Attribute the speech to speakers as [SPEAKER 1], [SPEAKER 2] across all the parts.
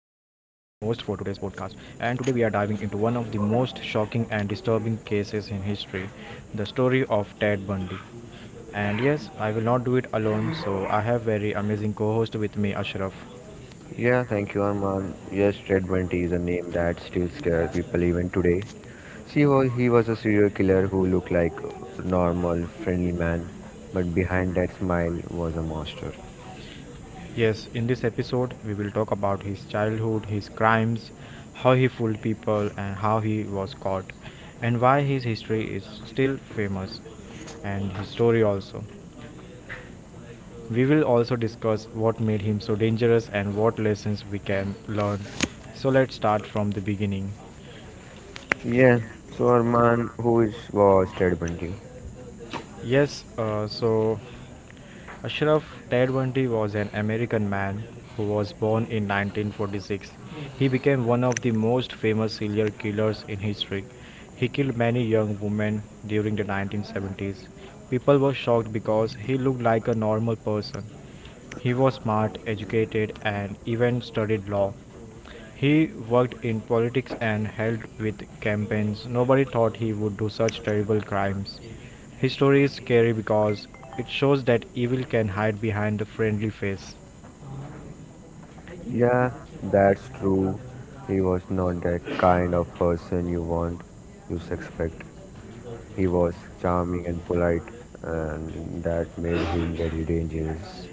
[SPEAKER 1] for today's podcast, and today we are diving into one of the most shocking and disturbing cases in history, the story of Ted Bundy. And yes, I will not do it alone, so I have very amazing co host with me, Ashraf.
[SPEAKER 2] Yeah, thank you, Arman. Yes, Ted Bundy is a name that still scares people even today. See, he was a serial killer who looked like a normal, friendly man, but behind that smile was a monster.
[SPEAKER 1] Yes, in this episode, we will talk about his childhood, his crimes, how he fooled people, and how he was caught, and why his history is still famous, and his story also. We will also discuss what made him so dangerous and what lessons we can learn. So let's start from the beginning.
[SPEAKER 2] Yeah, so Arman, who is was Ted Bundy?
[SPEAKER 1] Yes, so Ashraf, Tedwandi was an American man who was born in 1946. He became one of the most famous serial killers in history. He killed many young women during the 1970s. People were shocked because he looked like a normal person. He was smart, educated, and even studied law. He worked in politics and helped with campaigns. Nobody thought he would do such terrible crimes. His story is scary because it shows that evil can hide behind a friendly face.
[SPEAKER 2] Yeah, that's true. He was not that kind of person you want, you suspect. He was charming and polite, and that made him very dangerous.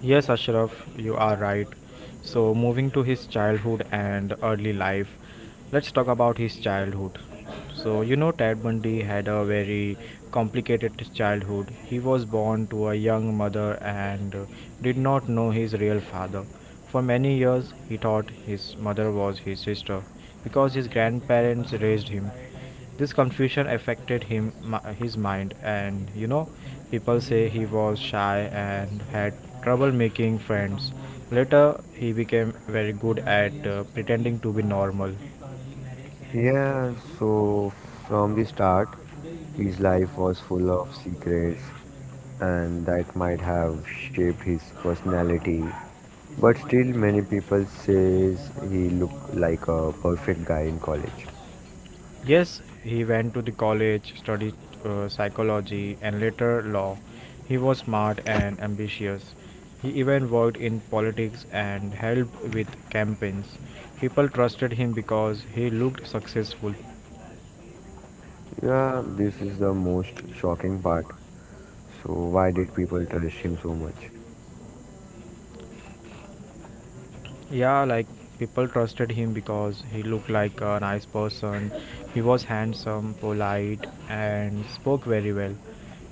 [SPEAKER 1] Yes, Ashraf, you are right. So, moving to his childhood and early life, let's talk about his childhood. So, you know, Ted Bundy had a very complicated childhood. He was born to a young mother and did not know his real father. For many years, he thought his mother was his sister because his grandparents raised him. This confusion affected his mind, and you know, people say he was shy and had trouble making friends. Later he became very good at pretending to be normal.
[SPEAKER 2] Yeah, so from the start, his life was full of secrets, and that might have shaped his personality. But still, many people says he looked like a perfect guy in college.
[SPEAKER 1] Yes, he went to the college, studied psychology, and later law. He was smart and ambitious. He even worked in politics and helped with campaigns. People trusted him because he looked successful.
[SPEAKER 2] Yeah, this is the most shocking part. So why did people trust him so much?
[SPEAKER 1] Yeah, like people trusted him because he looked like a nice person. He was handsome, polite, and spoke very well.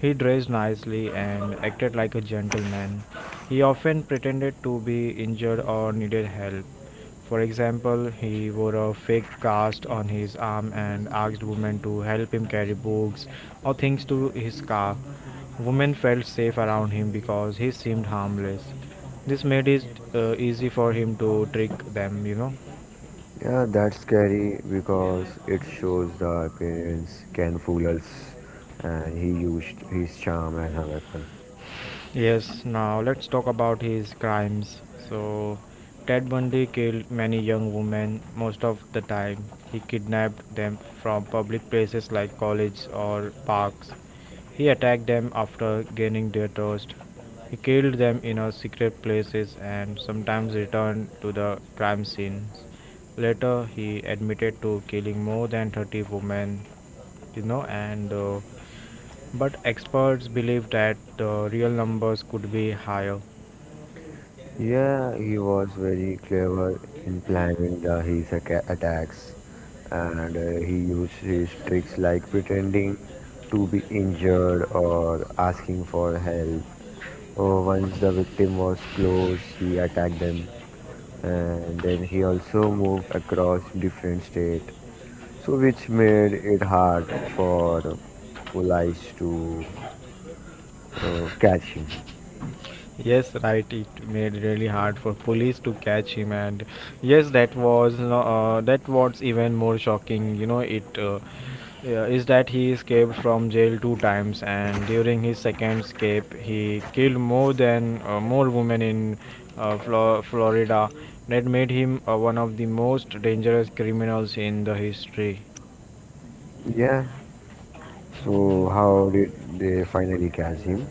[SPEAKER 1] He dressed nicely and acted like a gentleman. He often pretended to be injured or needed help. For example, he wore a fake cast on his arm and asked women to help him carry books or things to his car. Women felt safe around him because he seemed harmless. This made it easy for him to trick them.
[SPEAKER 2] Yeah, that's scary because it shows the appearance can fool us, and he used his charm as a weapon.
[SPEAKER 1] Yes, now let's talk about his crimes. So, Ted Bundy killed many young women most of the time. He kidnapped them from public places like colleges or parks. He attacked them after gaining their trust. He killed them in a secret places and sometimes returned to the crime scenes. Later, he admitted to killing more than 30 women, you know, and But experts believe that the real numbers could be higher.
[SPEAKER 2] Yeah, he was very clever in planning the his aca- attacks, and he used his tricks like pretending to be injured or asking for help. Oh, once the victim was close, he attacked them, and then he also moved across different state, so which made it hard for police to catch him.
[SPEAKER 1] Yes, right. It made really hard for police to catch him, and yes, that was that was even more shocking. Is that he escaped from jail two times, and during his second escape, he killed more women in Florida. That made him one of the most dangerous criminals in the history.
[SPEAKER 2] Yeah. So how did they finally catch him?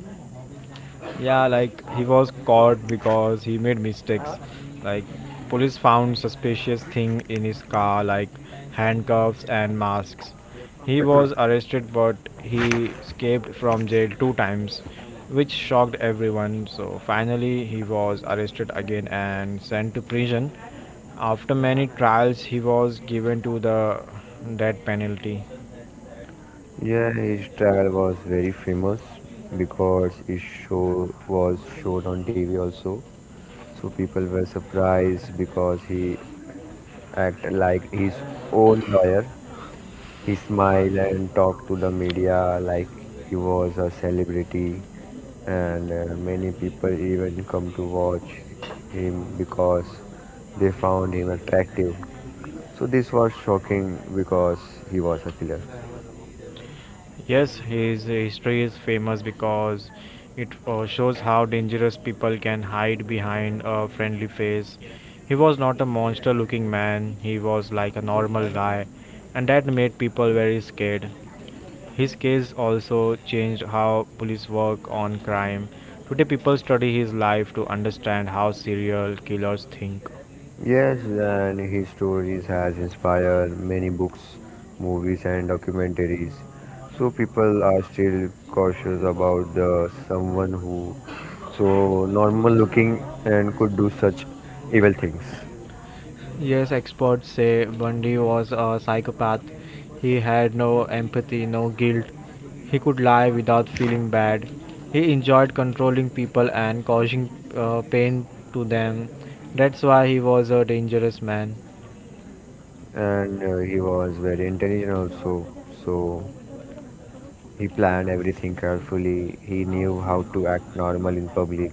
[SPEAKER 1] Yeah, like he was caught because he made mistakes. Like police found suspicious thing in his car like handcuffs and masks. He was arrested but he escaped from jail two times, which shocked everyone. So finally he was arrested again and sent to prison. After many trials he was given to the death penalty.
[SPEAKER 2] Yeah, his trial was very famous because his show was showed on TV also. So people were surprised because he act like his own lawyer. He smiled and talked to the media like he was a celebrity, and many people even come to watch him because they found him attractive. So this was shocking because he was a killer.
[SPEAKER 1] Yes, his history is famous because it shows how dangerous people can hide behind a friendly face. He was not a monster looking man, he was like a normal guy, and that made people very scared. His case also changed how police work on crime. Today, people study his life to understand how serial killers think.
[SPEAKER 2] Yes, and his stories has inspired many books, movies and documentaries. So people are still cautious about the someone who so normal looking and could do such evil things.
[SPEAKER 1] Yes, experts say Bundy was a psychopath. He had no empathy, no guilt. He could lie without feeling bad. He enjoyed controlling people and causing pain to them. That's why he was a dangerous man.
[SPEAKER 2] And he was very intelligent also. So he planned everything carefully. He knew how to act normal in public.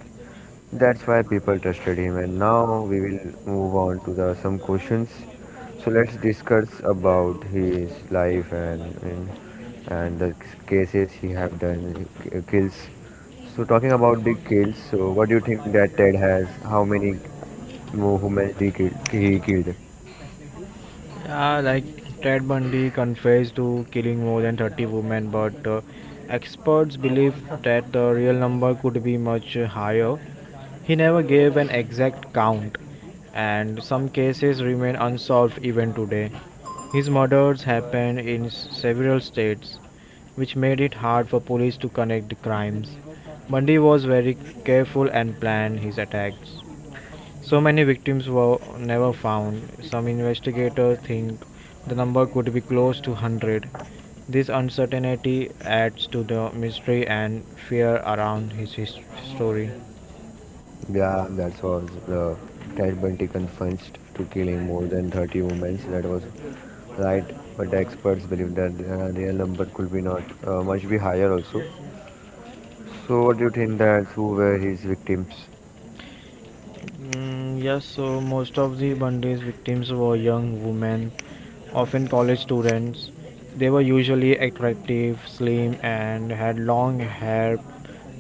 [SPEAKER 2] That's why people trusted him. And now we will move on to the some questions. So let's discuss about his life and the cases he have done kills. So talking about the kills, so what do you think that Ted has? How many humans he killed? He killed?
[SPEAKER 1] Yeah, like Ted Bundy confessed to killing more than 30 women, but experts believe that the real number could be much higher. He never gave an exact count, and some cases remain unsolved even today. His murders happened in several states, which made it hard for police to connect the crimes. Bundy was very careful and planned his attacks. So many victims were never found. Some investigators think the number could be close to 100. This uncertainty adds to the mystery and fear around his story.
[SPEAKER 2] Yeah, that was the Ted Bundy confessed to killing more than 30 women. That was right, but the experts believe that the real number could be not much be higher also. So, what do you think that who were his victims
[SPEAKER 1] Mm, yes, so most of the Bundy's victims were young women, often college students. They were usually attractive, slim, and had long hair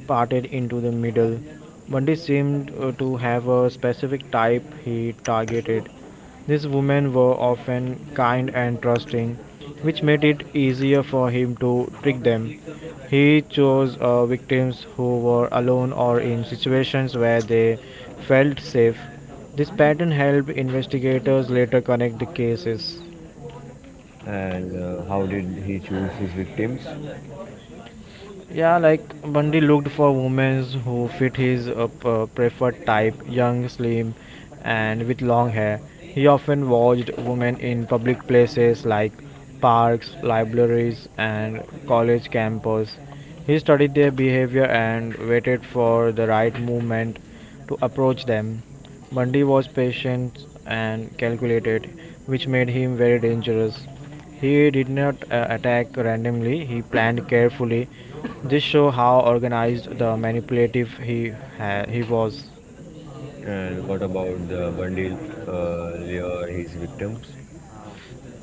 [SPEAKER 1] parted into the middle. Bundy seemed to have a specific type he targeted. These women were often kind and trusting, which made it easier for him to trick them. He chose victims who were alone or in situations where they felt safe. This pattern helped investigators later connect the cases.
[SPEAKER 2] and how did he choose his victims?
[SPEAKER 1] Yeah, like Bundy looked for women who fit his preferred type, young, slim, and with long hair. He often watched women in public places like parks, libraries, and college campuses. He studied their behavior and waited for the right moment to approach them. Bundy was patient and calculated, which made him very dangerous. He did not attack randomly, he planned carefully. This shows how organized the manipulative he was.
[SPEAKER 2] And what about the Bundy lure his victims?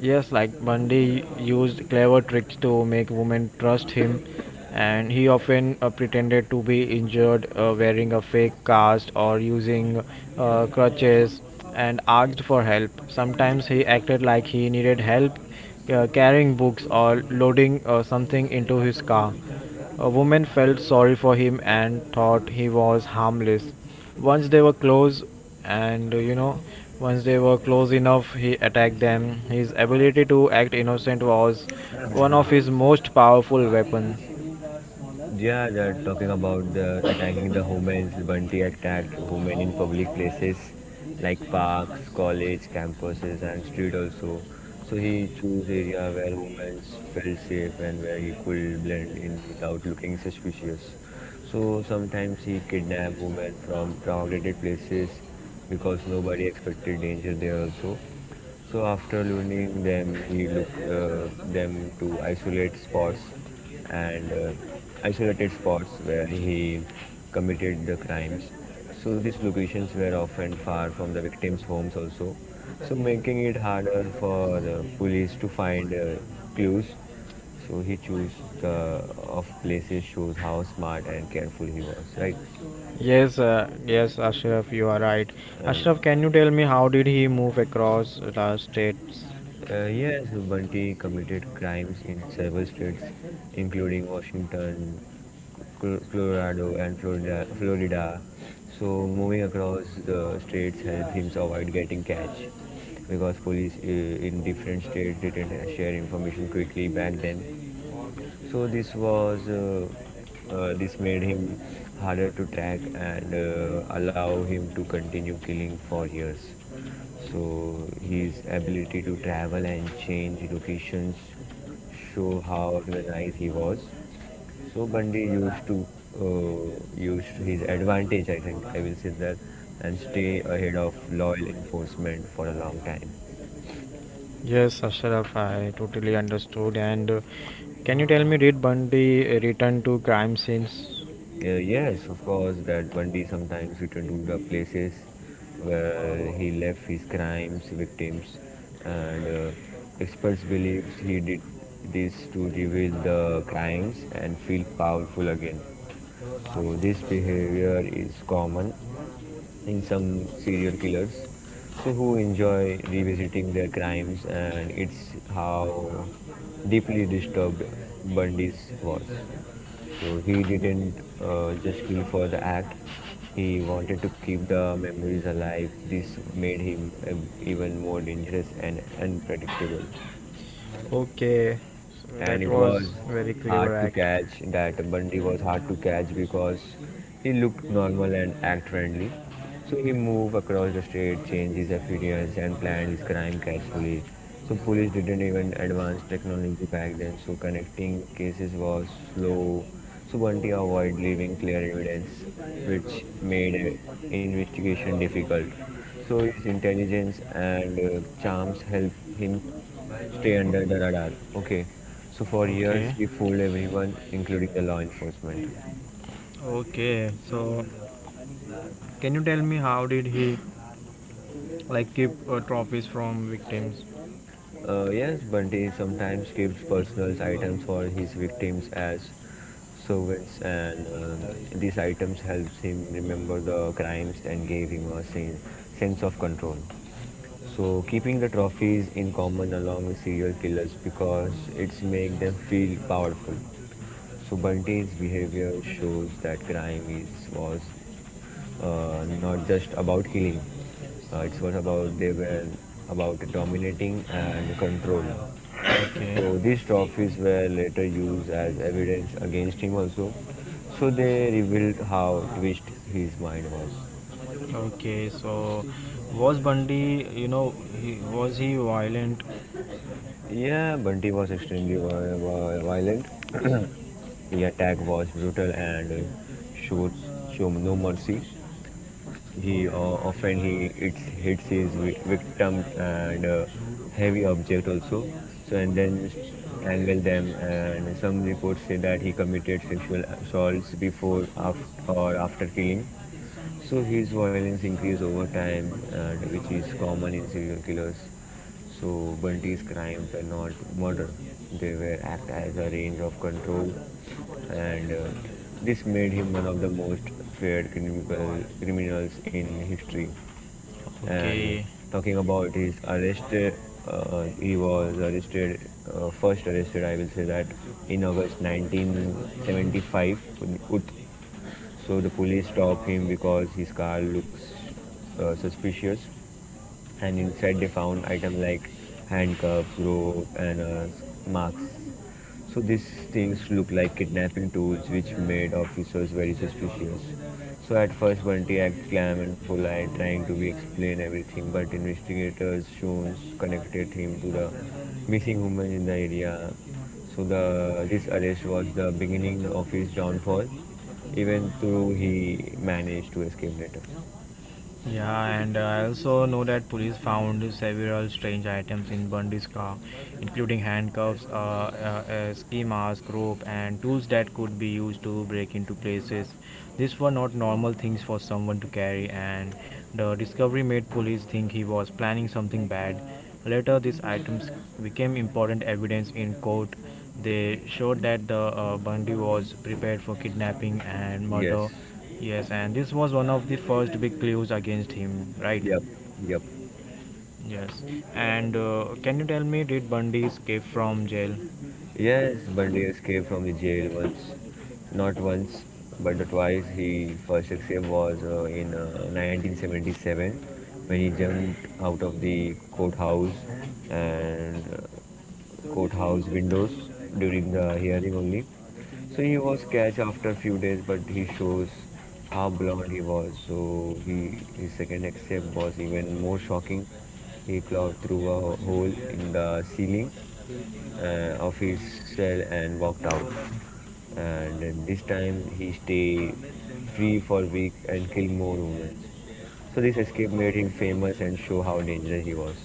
[SPEAKER 1] Yes, like Bundy used clever tricks to make women trust him, and he often pretended to be injured, wearing a fake cast or using crutches, and asked for help. Sometimes he acted like he needed help carrying books or loading something into his car. A woman felt sorry for him and thought he was harmless. Once they were close, and uh, you know, Once they were close enough, he attacked them. His ability to act innocent was one of his most powerful weapons.
[SPEAKER 2] Yeah, they're talking about the attacking the humans. Bunty attacked women in public places like parks, college campuses, and street also. So he chose area where women felt safe and where he could blend in without looking suspicious. So sometimes he kidnapped women from crowded places because nobody expected danger there also. So after learning them, he looked them to isolate spots and isolated spots where he committed the crimes. So these locations were often far from the victims' homes also, so making it harder for the police to find clues. So he chose the of places shows how smart and careful he was, right?
[SPEAKER 1] Yes, yes, Ashraf, you are right.
[SPEAKER 2] And
[SPEAKER 1] Ashraf, can you tell me how did he move across the states?
[SPEAKER 2] Yes, Bunty committed crimes in several states, including Washington, Colorado, and Florida. Florida. So moving across the states helped him avoid getting catch, because police in different states didn't share information quickly back then. So this was this made him harder to track and allow him to continue killing for years. So his ability to travel and change locations show how organized he was. So Bundy used to used his advantage, I think I will say that, and stay ahead of law enforcement for a long time.
[SPEAKER 1] Yes, Ashraf, I totally understood. And can you tell me, did Bundy return to crime scenes?
[SPEAKER 2] Yes, of course, that Bundy sometimes returned to the places where he left his crimes, victims, and experts believe he did this to reveal the crimes and feel powerful again. So, this behavior is common in some serial killers so who enjoy revisiting their crimes and it's how deeply disturbed Bundy's was so he didn't just kill for the act he wanted to keep the memories alive this made him even more dangerous and unpredictable
[SPEAKER 1] Okay, so
[SPEAKER 2] and
[SPEAKER 1] that
[SPEAKER 2] it was
[SPEAKER 1] was very
[SPEAKER 2] hard
[SPEAKER 1] clever
[SPEAKER 2] to
[SPEAKER 1] act.
[SPEAKER 2] catch that Bundy was hard to catch because he looked normal and act friendly. So he moved across the street, changed his appearance and planned his crime carefully. So police didn't even advance technology back then, so connecting cases was slow. So Bunty avoided leaving clear evidence, which made investigation difficult. So his intelligence and charms helped him stay under the radar. Okay. So for years,
[SPEAKER 1] Okay.
[SPEAKER 2] he fooled everyone, including the law enforcement.
[SPEAKER 1] Okay. So, can you tell me how did he like keep trophies from victims?
[SPEAKER 2] Yes, Bunty sometimes keeps personal items for his victims as souvenirs, and these items helps him remember the crimes and gave him a sense of control. So keeping the trophies in common along with serial killers because it's make them feel powerful. So Bunty's behavior shows that crime is was not just about killing. It was about they were about dominating and control.
[SPEAKER 1] Okay.
[SPEAKER 2] So these trophies were later used as evidence against him also. So they revealed how twisted his mind was.
[SPEAKER 1] Okay. So, was Bundy, he was he violent?
[SPEAKER 2] Yeah, Bunty was extremely violent. His attack was brutal and showed, showed no mercy. He often he hits his victim and heavy object also. So and then strangle them. And some reports say that he committed sexual assaults before, after, or after killing. So his violence increased over time, and which is common in serial killers. So Bunty's crimes were not murder; they were act as a range of control, and this made him one of the most feared criminals in history. And
[SPEAKER 1] Okay.
[SPEAKER 2] talking about his arrest, he was arrested first arrested, I will say that in August 1975, Ut- so the police stop him because his car looks suspicious and inside they found items like handcuffs, rope, and marks. So these things looked like kidnapping tools, which made officers very suspicious. So at first, Bunty acted calm and polite, trying to be explain everything, but investigators soon connected him to the missing woman in the area. So the this arrest was the beginning of his downfall, even though he managed to escape later.
[SPEAKER 1] Yeah, and I also know that police found several strange items in Bundy's car, including handcuffs, a ski mask, rope, and tools that could be used to break into places. These were not normal things for someone to carry, and the discovery made police think he was planning something bad. Later, these items became important evidence in court. They showed that the Bundy was prepared for kidnapping and murder.
[SPEAKER 2] Yes.
[SPEAKER 1] Yes, and this was one of the first big clues against him, right? Yes. And can you tell me, did Bundy escape from jail?
[SPEAKER 2] Yes, Bundy escaped from the jail once, not once, but twice. He first escape was in 1977 when he jumped out of the and uh, courthouse windows during the hearing only. So he was catch after few days, but he shows how blonde he was. So he his second escape was even more shocking. He clawed through a hole in the ceiling of his cell and walked out. And this time he stay free for weeks and kill more women. So this escape made him famous and show how dangerous he was.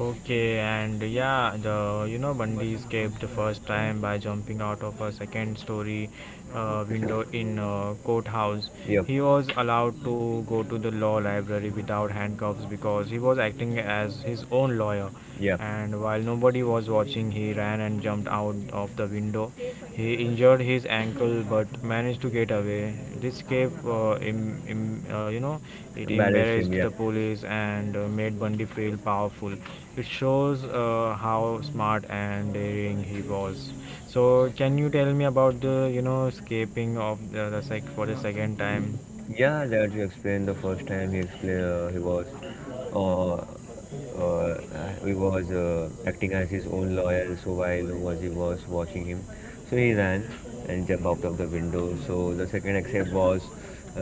[SPEAKER 1] Okay, and yeah, the you know Bundy escaped the first time by jumping out of a second story window in a courthouse.
[SPEAKER 2] Yep,
[SPEAKER 1] He was allowed to go to the law library without handcuffs because he was acting as his own lawyer.
[SPEAKER 2] yep,
[SPEAKER 1] And while nobody was watching, he ran and jumped out of the window. He injured his ankle but managed to get away. This escape, it
[SPEAKER 2] embarrassed him.
[SPEAKER 1] embarrassed
[SPEAKER 2] Yep.
[SPEAKER 1] the police and made Bundy feel powerful. It shows how smart and daring he was. So can you tell me about the you know escaping of the sec for the second
[SPEAKER 2] Y-
[SPEAKER 1] time?
[SPEAKER 2] Yeah, that you explained the first time he explained he was acting as his own lawyer. So while was he was watching him, so he ran and jumped out of the window. So the second escape was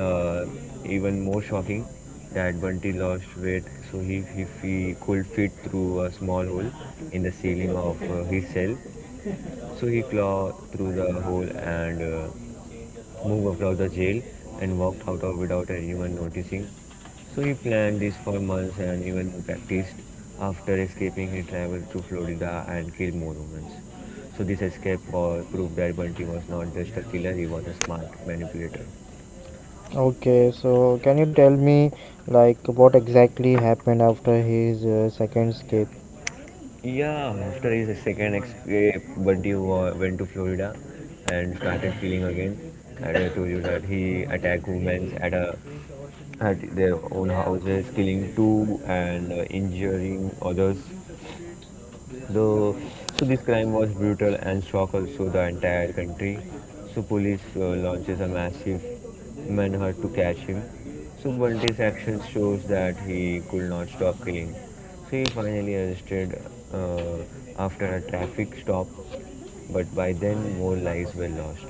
[SPEAKER 2] uh, even more shocking. That Bunty lost weight, so he if he could fit through a small hole in the ceiling of his cell. So he clawed through the hole and moved across the jail and walked out of without anyone noticing. So he planned this for months and even practiced. After escaping, he traveled to Florida and killed more humans. So this escape was proof that Bunty was not just a killer; he was a smart manipulator.
[SPEAKER 1] Can escape.
[SPEAKER 2] Yeah, after his second escape, Bunty went to Florida and started killing again. And I told you that he attacked women at a at their own houses, killing two and injuring others. The, so this crime was brutal and shocked also the entire country. So police launches a massive manhunt to catch him. So Bunty's actions shows that he could not stop killing. So he finally arrested uh, after a traffic stop, but by then more lives were lost.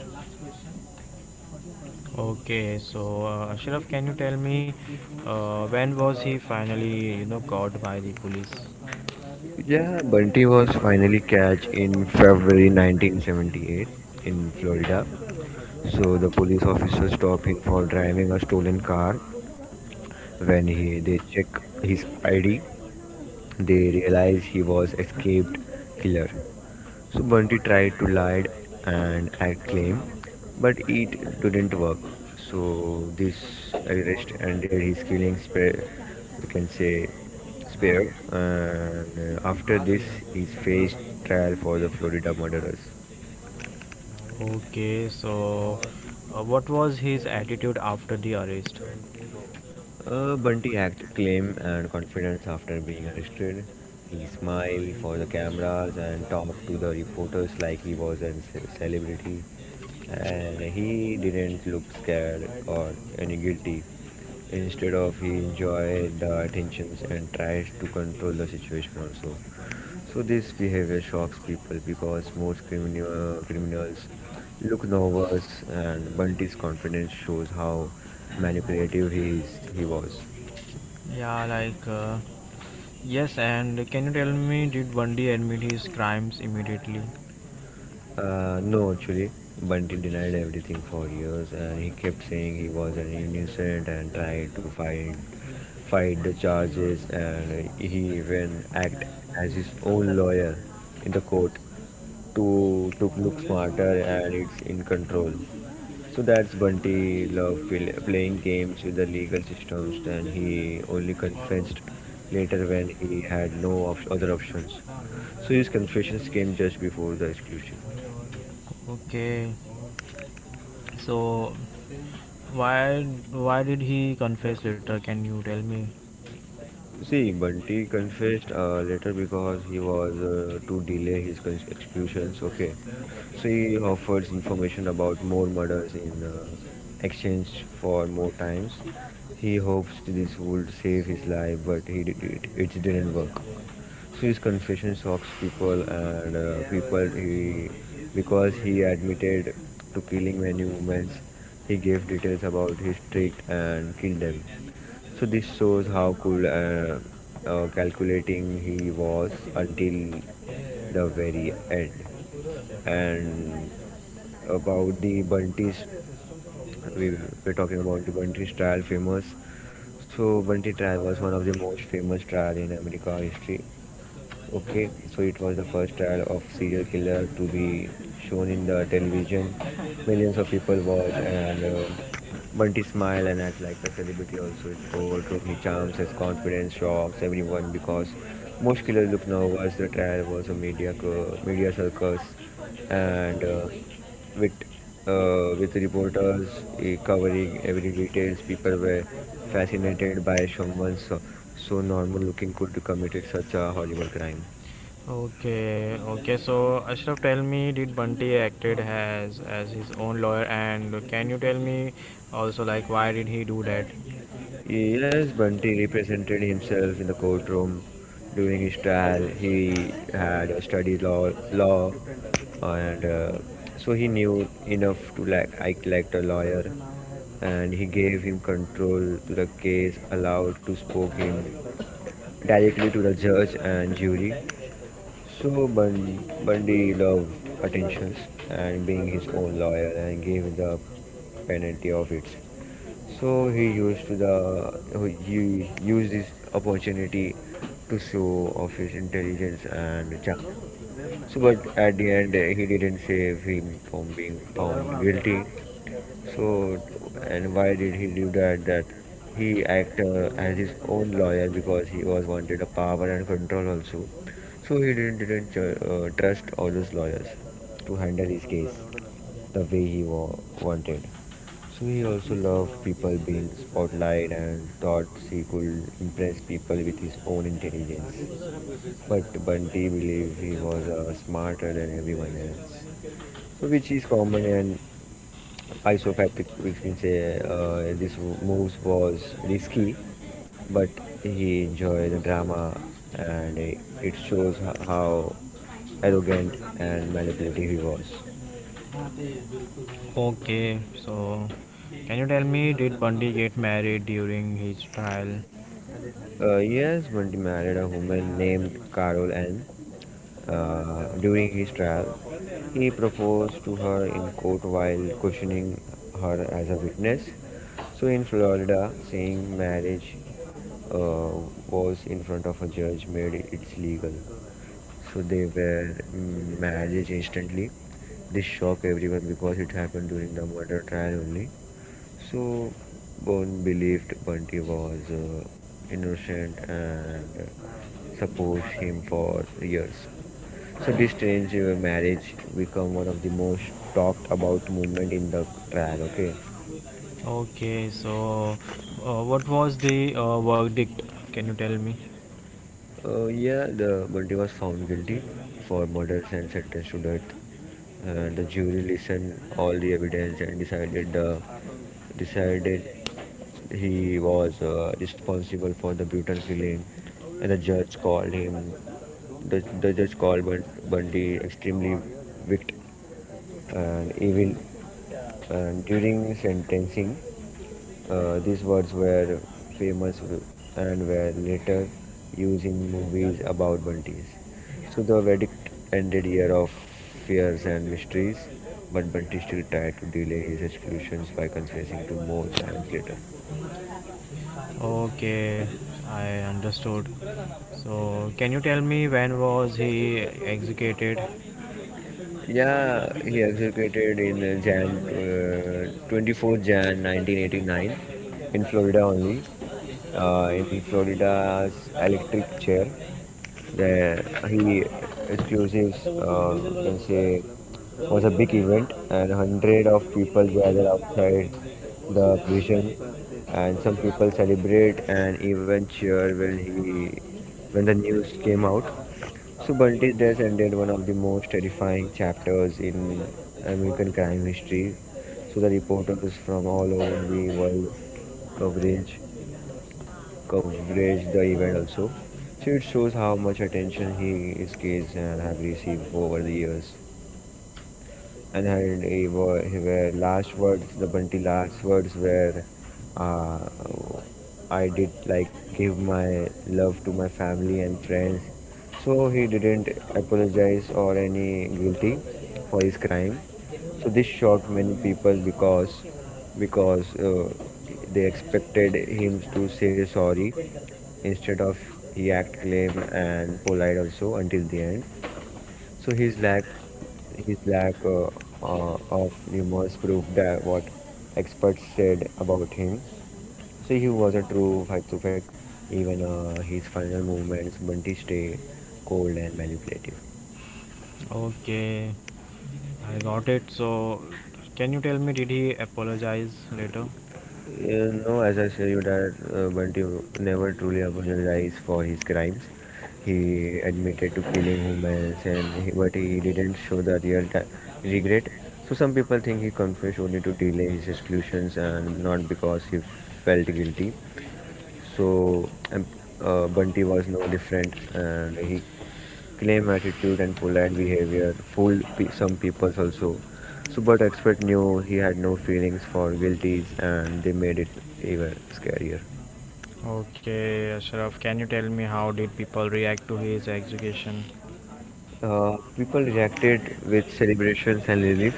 [SPEAKER 1] Okay, so Ashraf, can you tell me when was he finally caught by the police?
[SPEAKER 2] Yeah, Bunty was finally catch in February 1978 in Florida. So the police officer stopped him for driving a stolen car. When he, they check his ID, they realize he was escaped killer. So Bunty tried to lie and act claim, but it didn't work. So this arrest ended his killing spare, we can say spare. And after this, he faced trial for the Florida murderers.
[SPEAKER 1] Okay, so what was his attitude after the arrest?
[SPEAKER 2] Bunty acted calm and confident after being arrested. He smiled for the cameras and talked to the reporters like he was a celebrity. And he didn't look scared or any guilty. Instead of he enjoyed the attentions and tried to control the situation also. So this behavior shocks people because most criminals look nervous, and Bunty's confidence shows how manipulative he is. He was.
[SPEAKER 1] Yeah, like uh, yes, and can you tell me, did Bundy admit his crimes immediately?
[SPEAKER 2] No, actually, Bunty denied everything for years, and he kept saying he was an innocent and tried to fight the charges, and he even acted as his own lawyer in the court. To look smarter and it's in control. So that's Bunty love playing games with the legal systems, and he only confessed later when he had no other options. So his confessions came just before the exclusive.
[SPEAKER 1] Okay, so why why did he confess later? Can you tell me?
[SPEAKER 2] See, Bunty confessed later because he was to delay his executions. Okay, so he offered information about more murders in exchange for more times. He hopes this would save his life, but he did it. It didn't work. So his confession shocks people and because he admitted to killing many women. He gave details about his trick and killed them. So this shows how cool calculating he was until the very end. And about the Bunties, we were talking about the Bunties trial famous. So Bunty trial was one of the most famous trial in America history. Okay, so it was the first trial of serial killer to be shown in the television. Millions of people watch, and Bunty smile and act like a celebrity. Also, it overtook me charms, his confidence, shocks everyone because most killers look nervous. The trial was a media media circus, and with with reporters covering every details. People were fascinated by someone so normal looking could committed such a horrible crime.
[SPEAKER 1] Okay, okay. So Ashraf, tell me, did Bunty acted as his own lawyer, and can you tell me also like why did he do that?
[SPEAKER 2] Yes, Bunty represented himself in the courtroom during his trial. He had studied law, and so he knew enough to like act like a lawyer. And he gave him control to the case, allowed to spoke him directly to the judge and jury. So Bundy loved attentions and being his own lawyer and gave the penalty of it. So he used this opportunity to show off his intelligence and charm. So but at the end he didn't save him from being found guilty so, and why did he do that? That he acted as his own lawyer because he was wanted a power and control also. So he didn't trust all those lawyers to handle his case the way he wanted. So he also loved people being spotlight and thought he could impress people with his own intelligence. But Bunty believed he was smarter than everyone else. So which is common and isopathic, we can say this moves was risky, but he enjoyed the drama, and it shows how arrogant and manipulative he was.
[SPEAKER 1] Okay, so can you tell me, did Bunty get married during his trial?
[SPEAKER 2] Yes, Bunty married a woman named Carol Ann, during his trial, he proposed to her in court while questioning her as a witness. So in Florida, saying marriage uh, was in front of a judge made it legal. So they were married instantly. This shocked everyone because it happened during the murder trial only. So, Bond believed Bunty was innocent and supports him for years. So, this strange marriage become one of the most talked about movement in the trial. Okay.
[SPEAKER 1] Okay, so what was the verdict? Can you tell me?
[SPEAKER 2] Yeah, the Bundy was found guilty for murder and sentenced to death. The jury listened all the evidence and decided he was responsible for the brutal killing, and the judge called him the judge called Bundy extremely wicked and evil. And during sentencing, these words were famous and were later used in movies about bunties. So the verdict ended year of fears and mysteries, but Bunty still tried to delay his executions by confessing to more crimes later.
[SPEAKER 1] Okay, I understood. So can you tell me when was he executed?
[SPEAKER 2] Yeah, he executed in Jan 24 January 1989 in Florida only. In Florida's electric chair. The, he exclusives, you can say, was a big event, and hundred of people gather outside the prison, and some people celebrate and even cheer when the news came out. So Bunty's death ended one of the most terrifying chapters in American crime history. So the reporters from all over the world coverage coverage the event also. So it shows how much attention his case and have received over the years and he wa- he were last words the bunty last words were uh, I did like give my love to my family and friends, so he didn't apologize or any guilty for his crime, so this shocked many people because because uh, they expected him to say sorry, instead of he act claim and polite also until the end. So his lack of remorse proved that what experts said about him. So he was a true fight to fact. Even his final movements, Bunty stayed cold and manipulative.
[SPEAKER 1] Okay, I got it. So, can you tell me did he apologize later?
[SPEAKER 2] You know, as I said, you that Bunty never truly apologized for his crimes. He admitted to killing humans, and but he didn't show the real ti regret. So some people think he confessed only to delay his executions and not because he felt guilty. So Bunty was no different, and he claim attitude and polite behavior fooled some people also. So, but expert knew he had no feelings for guilties, and they made it even scarier.
[SPEAKER 1] Okay, Ashraf, can you tell me how did people react to his execution?
[SPEAKER 2] People reacted with celebrations and relief.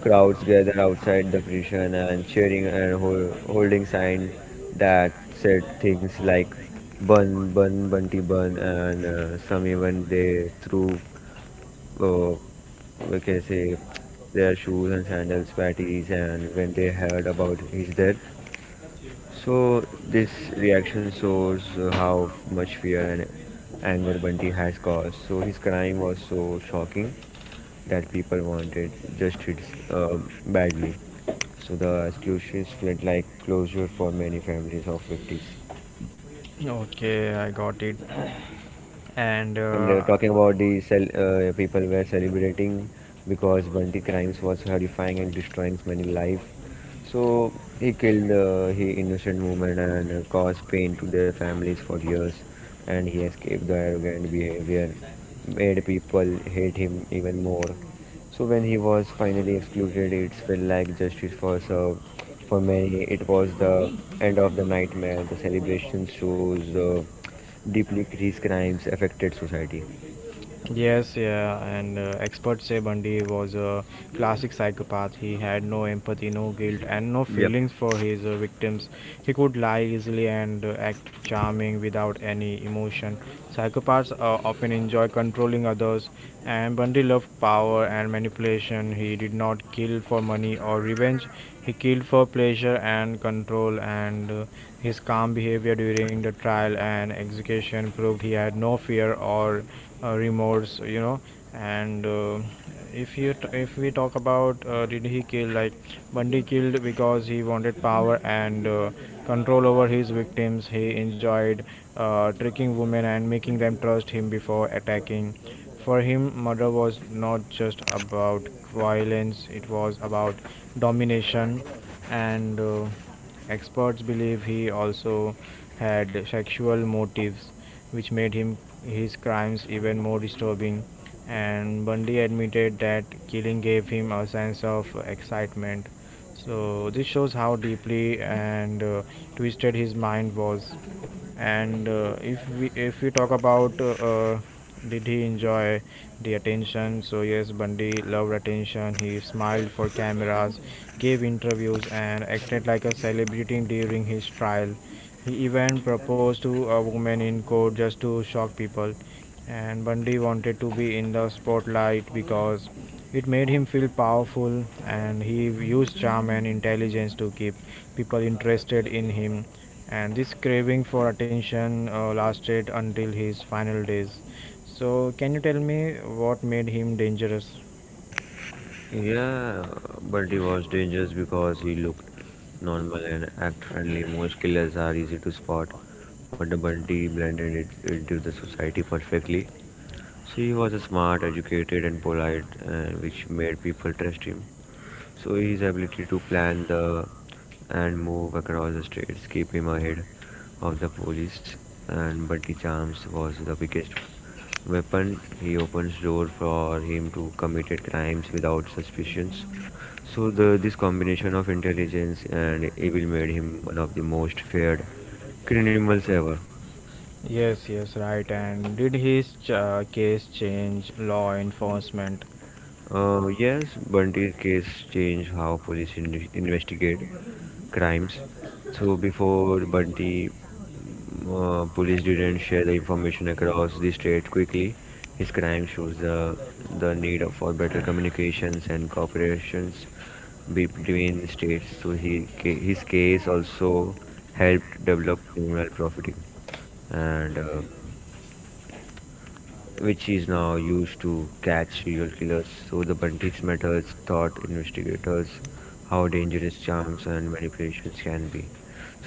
[SPEAKER 2] Crowds gathered outside the prison and cheering and holding signs that said things like "Bun, Bun, Bunty, Bun," and some even they threw uh, we can say their shoes and sandals patties and when they heard about his death. So this reaction shows how much fear and anger bunty has caused, so his crime was so shocking that people wanted justice badly, so the executions felt like closure for many families of victims.
[SPEAKER 1] Okay, I got it. And
[SPEAKER 2] And talking about the cel people were celebrating because Bunty crimes was horrifying and destroying many lives. So he killed he innocent women and caused pain to their families for years. And he escaped the arrogant behavior, made people hate him even more. So when he was finally excluded, it felt like justice was served. For many, it was the end of the nightmare. The celebration shows deeply his crimes affected society.
[SPEAKER 1] experts say Bundy was a classic psychopath, he had no empathy, no guilt, and no
[SPEAKER 2] Yep.
[SPEAKER 1] feelings for his victims. He could lie easily and act charming without any emotion. Psychopaths often enjoy controlling others, and Bundy loved power and manipulation. He did not kill for money or revenge, he killed for pleasure and control, and his calm behavior during the trial and execution proved he had no fear or remorse. And if you t- if we talk about did he kill, like, bundy killed because he wanted power and control over his victims. He enjoyed tricking women and making them trust him before attacking. For him murder was not just about violence, it was about domination. And Experts believe he also had sexual motives, which made him his crimes even more disturbing. And Bundy admitted that killing gave him a sense of excitement. So this shows how deeply and twisted his mind was. And uh, if we if we talk about did he enjoy the attention? So yes, bundy loved attention. He smiled for cameras, gave interviews, and acted like a celebrity during his trial. He even proposed to a woman in court just to shock people. And bundy wanted to be in the spotlight because it made him feel powerful, and he used charm and intelligence to keep people interested in him. And this craving for attention lasted until his final days. So, can you tell me what made him dangerous?
[SPEAKER 2] Yeah, but he was dangerous because he looked normal and act friendly. Most killers are easy to spot, but the Bunty blended it into the society perfectly. So he was a smart, educated, and polite, which made people trust him. So his ability to plan the and move across the streets keep him ahead of the police. And Buddy Charms was the biggest weapon. He opens door for him to committed crimes without suspicions. So the this combination of intelligence and evil made him one of the most feared criminals ever.
[SPEAKER 1] Yes, yes, right. And did his case change law enforcement?
[SPEAKER 2] Yes, Bundy case changed how police investigate crimes. So before Bundy, police didn't share the information across the state quickly. His crime shows the need for better communications and cooperations between states. So his case also helped develop criminal profiting and which is now used to catch serial killers. So the Bunties methods taught investigators how dangerous charms and manipulations can be.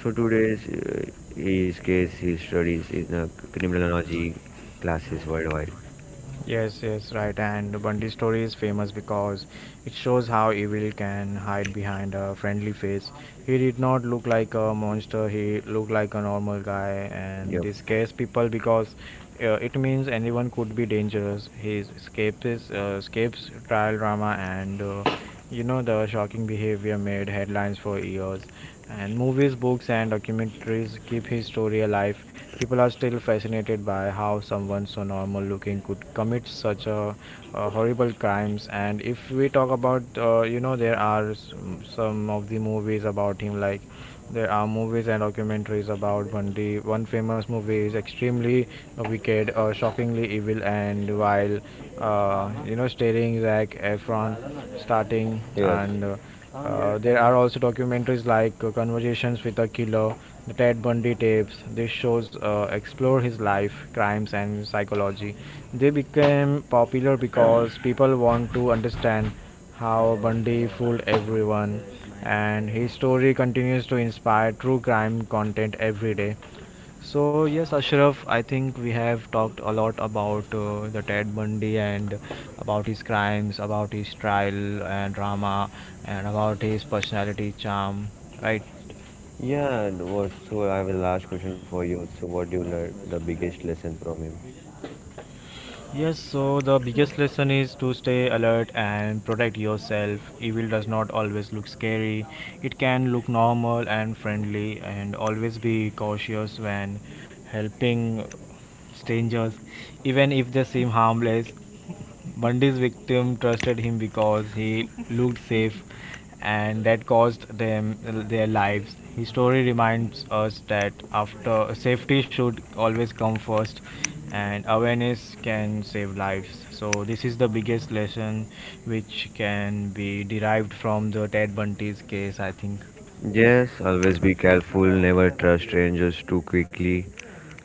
[SPEAKER 2] So today's his case he studies in criminology classes worldwide.
[SPEAKER 1] Yes, yes, right. And Bundy's story is famous because it shows how evil can hide behind a friendly face. He did not look like a monster, he looked like a normal guy, and
[SPEAKER 2] Yep.
[SPEAKER 1] this scares people because it means anyone could be dangerous. Escapes, trial drama, and the shocking behavior made headlines for years, and movies, books, and documentaries keep his story alive. People are still fascinated by how someone so normal looking could commit such a, horrible crimes. And if we talk about, there are some of the movies about him, like, there are movies and documentaries about Bundy. One famous movie is Extremely Wicked, Shockingly Evil, and While Starring Zac Efron, starting
[SPEAKER 2] Yes.
[SPEAKER 1] and. There are also documentaries like Conversations with a Killer, the Ted Bundy Tapes. These shows explore his life, crimes, and psychology. They became popular because people want to understand how Bundy fooled everyone, and his story continues to inspire true crime content every day. So, yes, Ashraf, I think we have talked a lot about the Ted Bundy, and about his crimes, about his trial and drama, and about his personality charm, right?
[SPEAKER 2] Yeah, and was so I have a last question for you. So what do you learn the biggest lesson from him?
[SPEAKER 1] Yes, so the biggest lesson is to stay alert and protect yourself. Evil does not always look scary, it can look normal and friendly, and always be cautious when helping strangers, even if they seem harmless. Bundy's victim trusted him because he looked safe, and that cost them their lives. His story reminds us that after safety should always come first, and awareness can save lives. So this is the biggest lesson which can be derived from the Ted Bundy's case, I think.
[SPEAKER 2] Yes, always be careful, never trust strangers too quickly.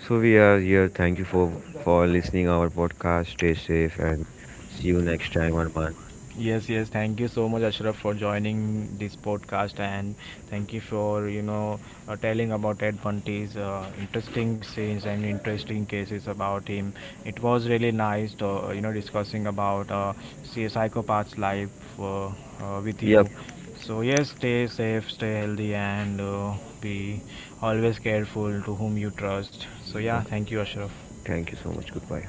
[SPEAKER 2] So we are here. Thank you for listening our podcast. Stay safe and see you next time, Arman.
[SPEAKER 1] Yes, yes. Thank you so much, Ashraf, for joining this podcast, and thank you for telling about Ted Bundy's interesting scenes and interesting cases about him. It was really nice, to, discussing about see psychopath's life with
[SPEAKER 2] Yep.
[SPEAKER 1] you. So yes, stay safe, stay healthy, and be always careful to whom you trust. So yeah,
[SPEAKER 2] Okay.
[SPEAKER 1] thank you, Ashraf.
[SPEAKER 2] Thank you so much. Goodbye.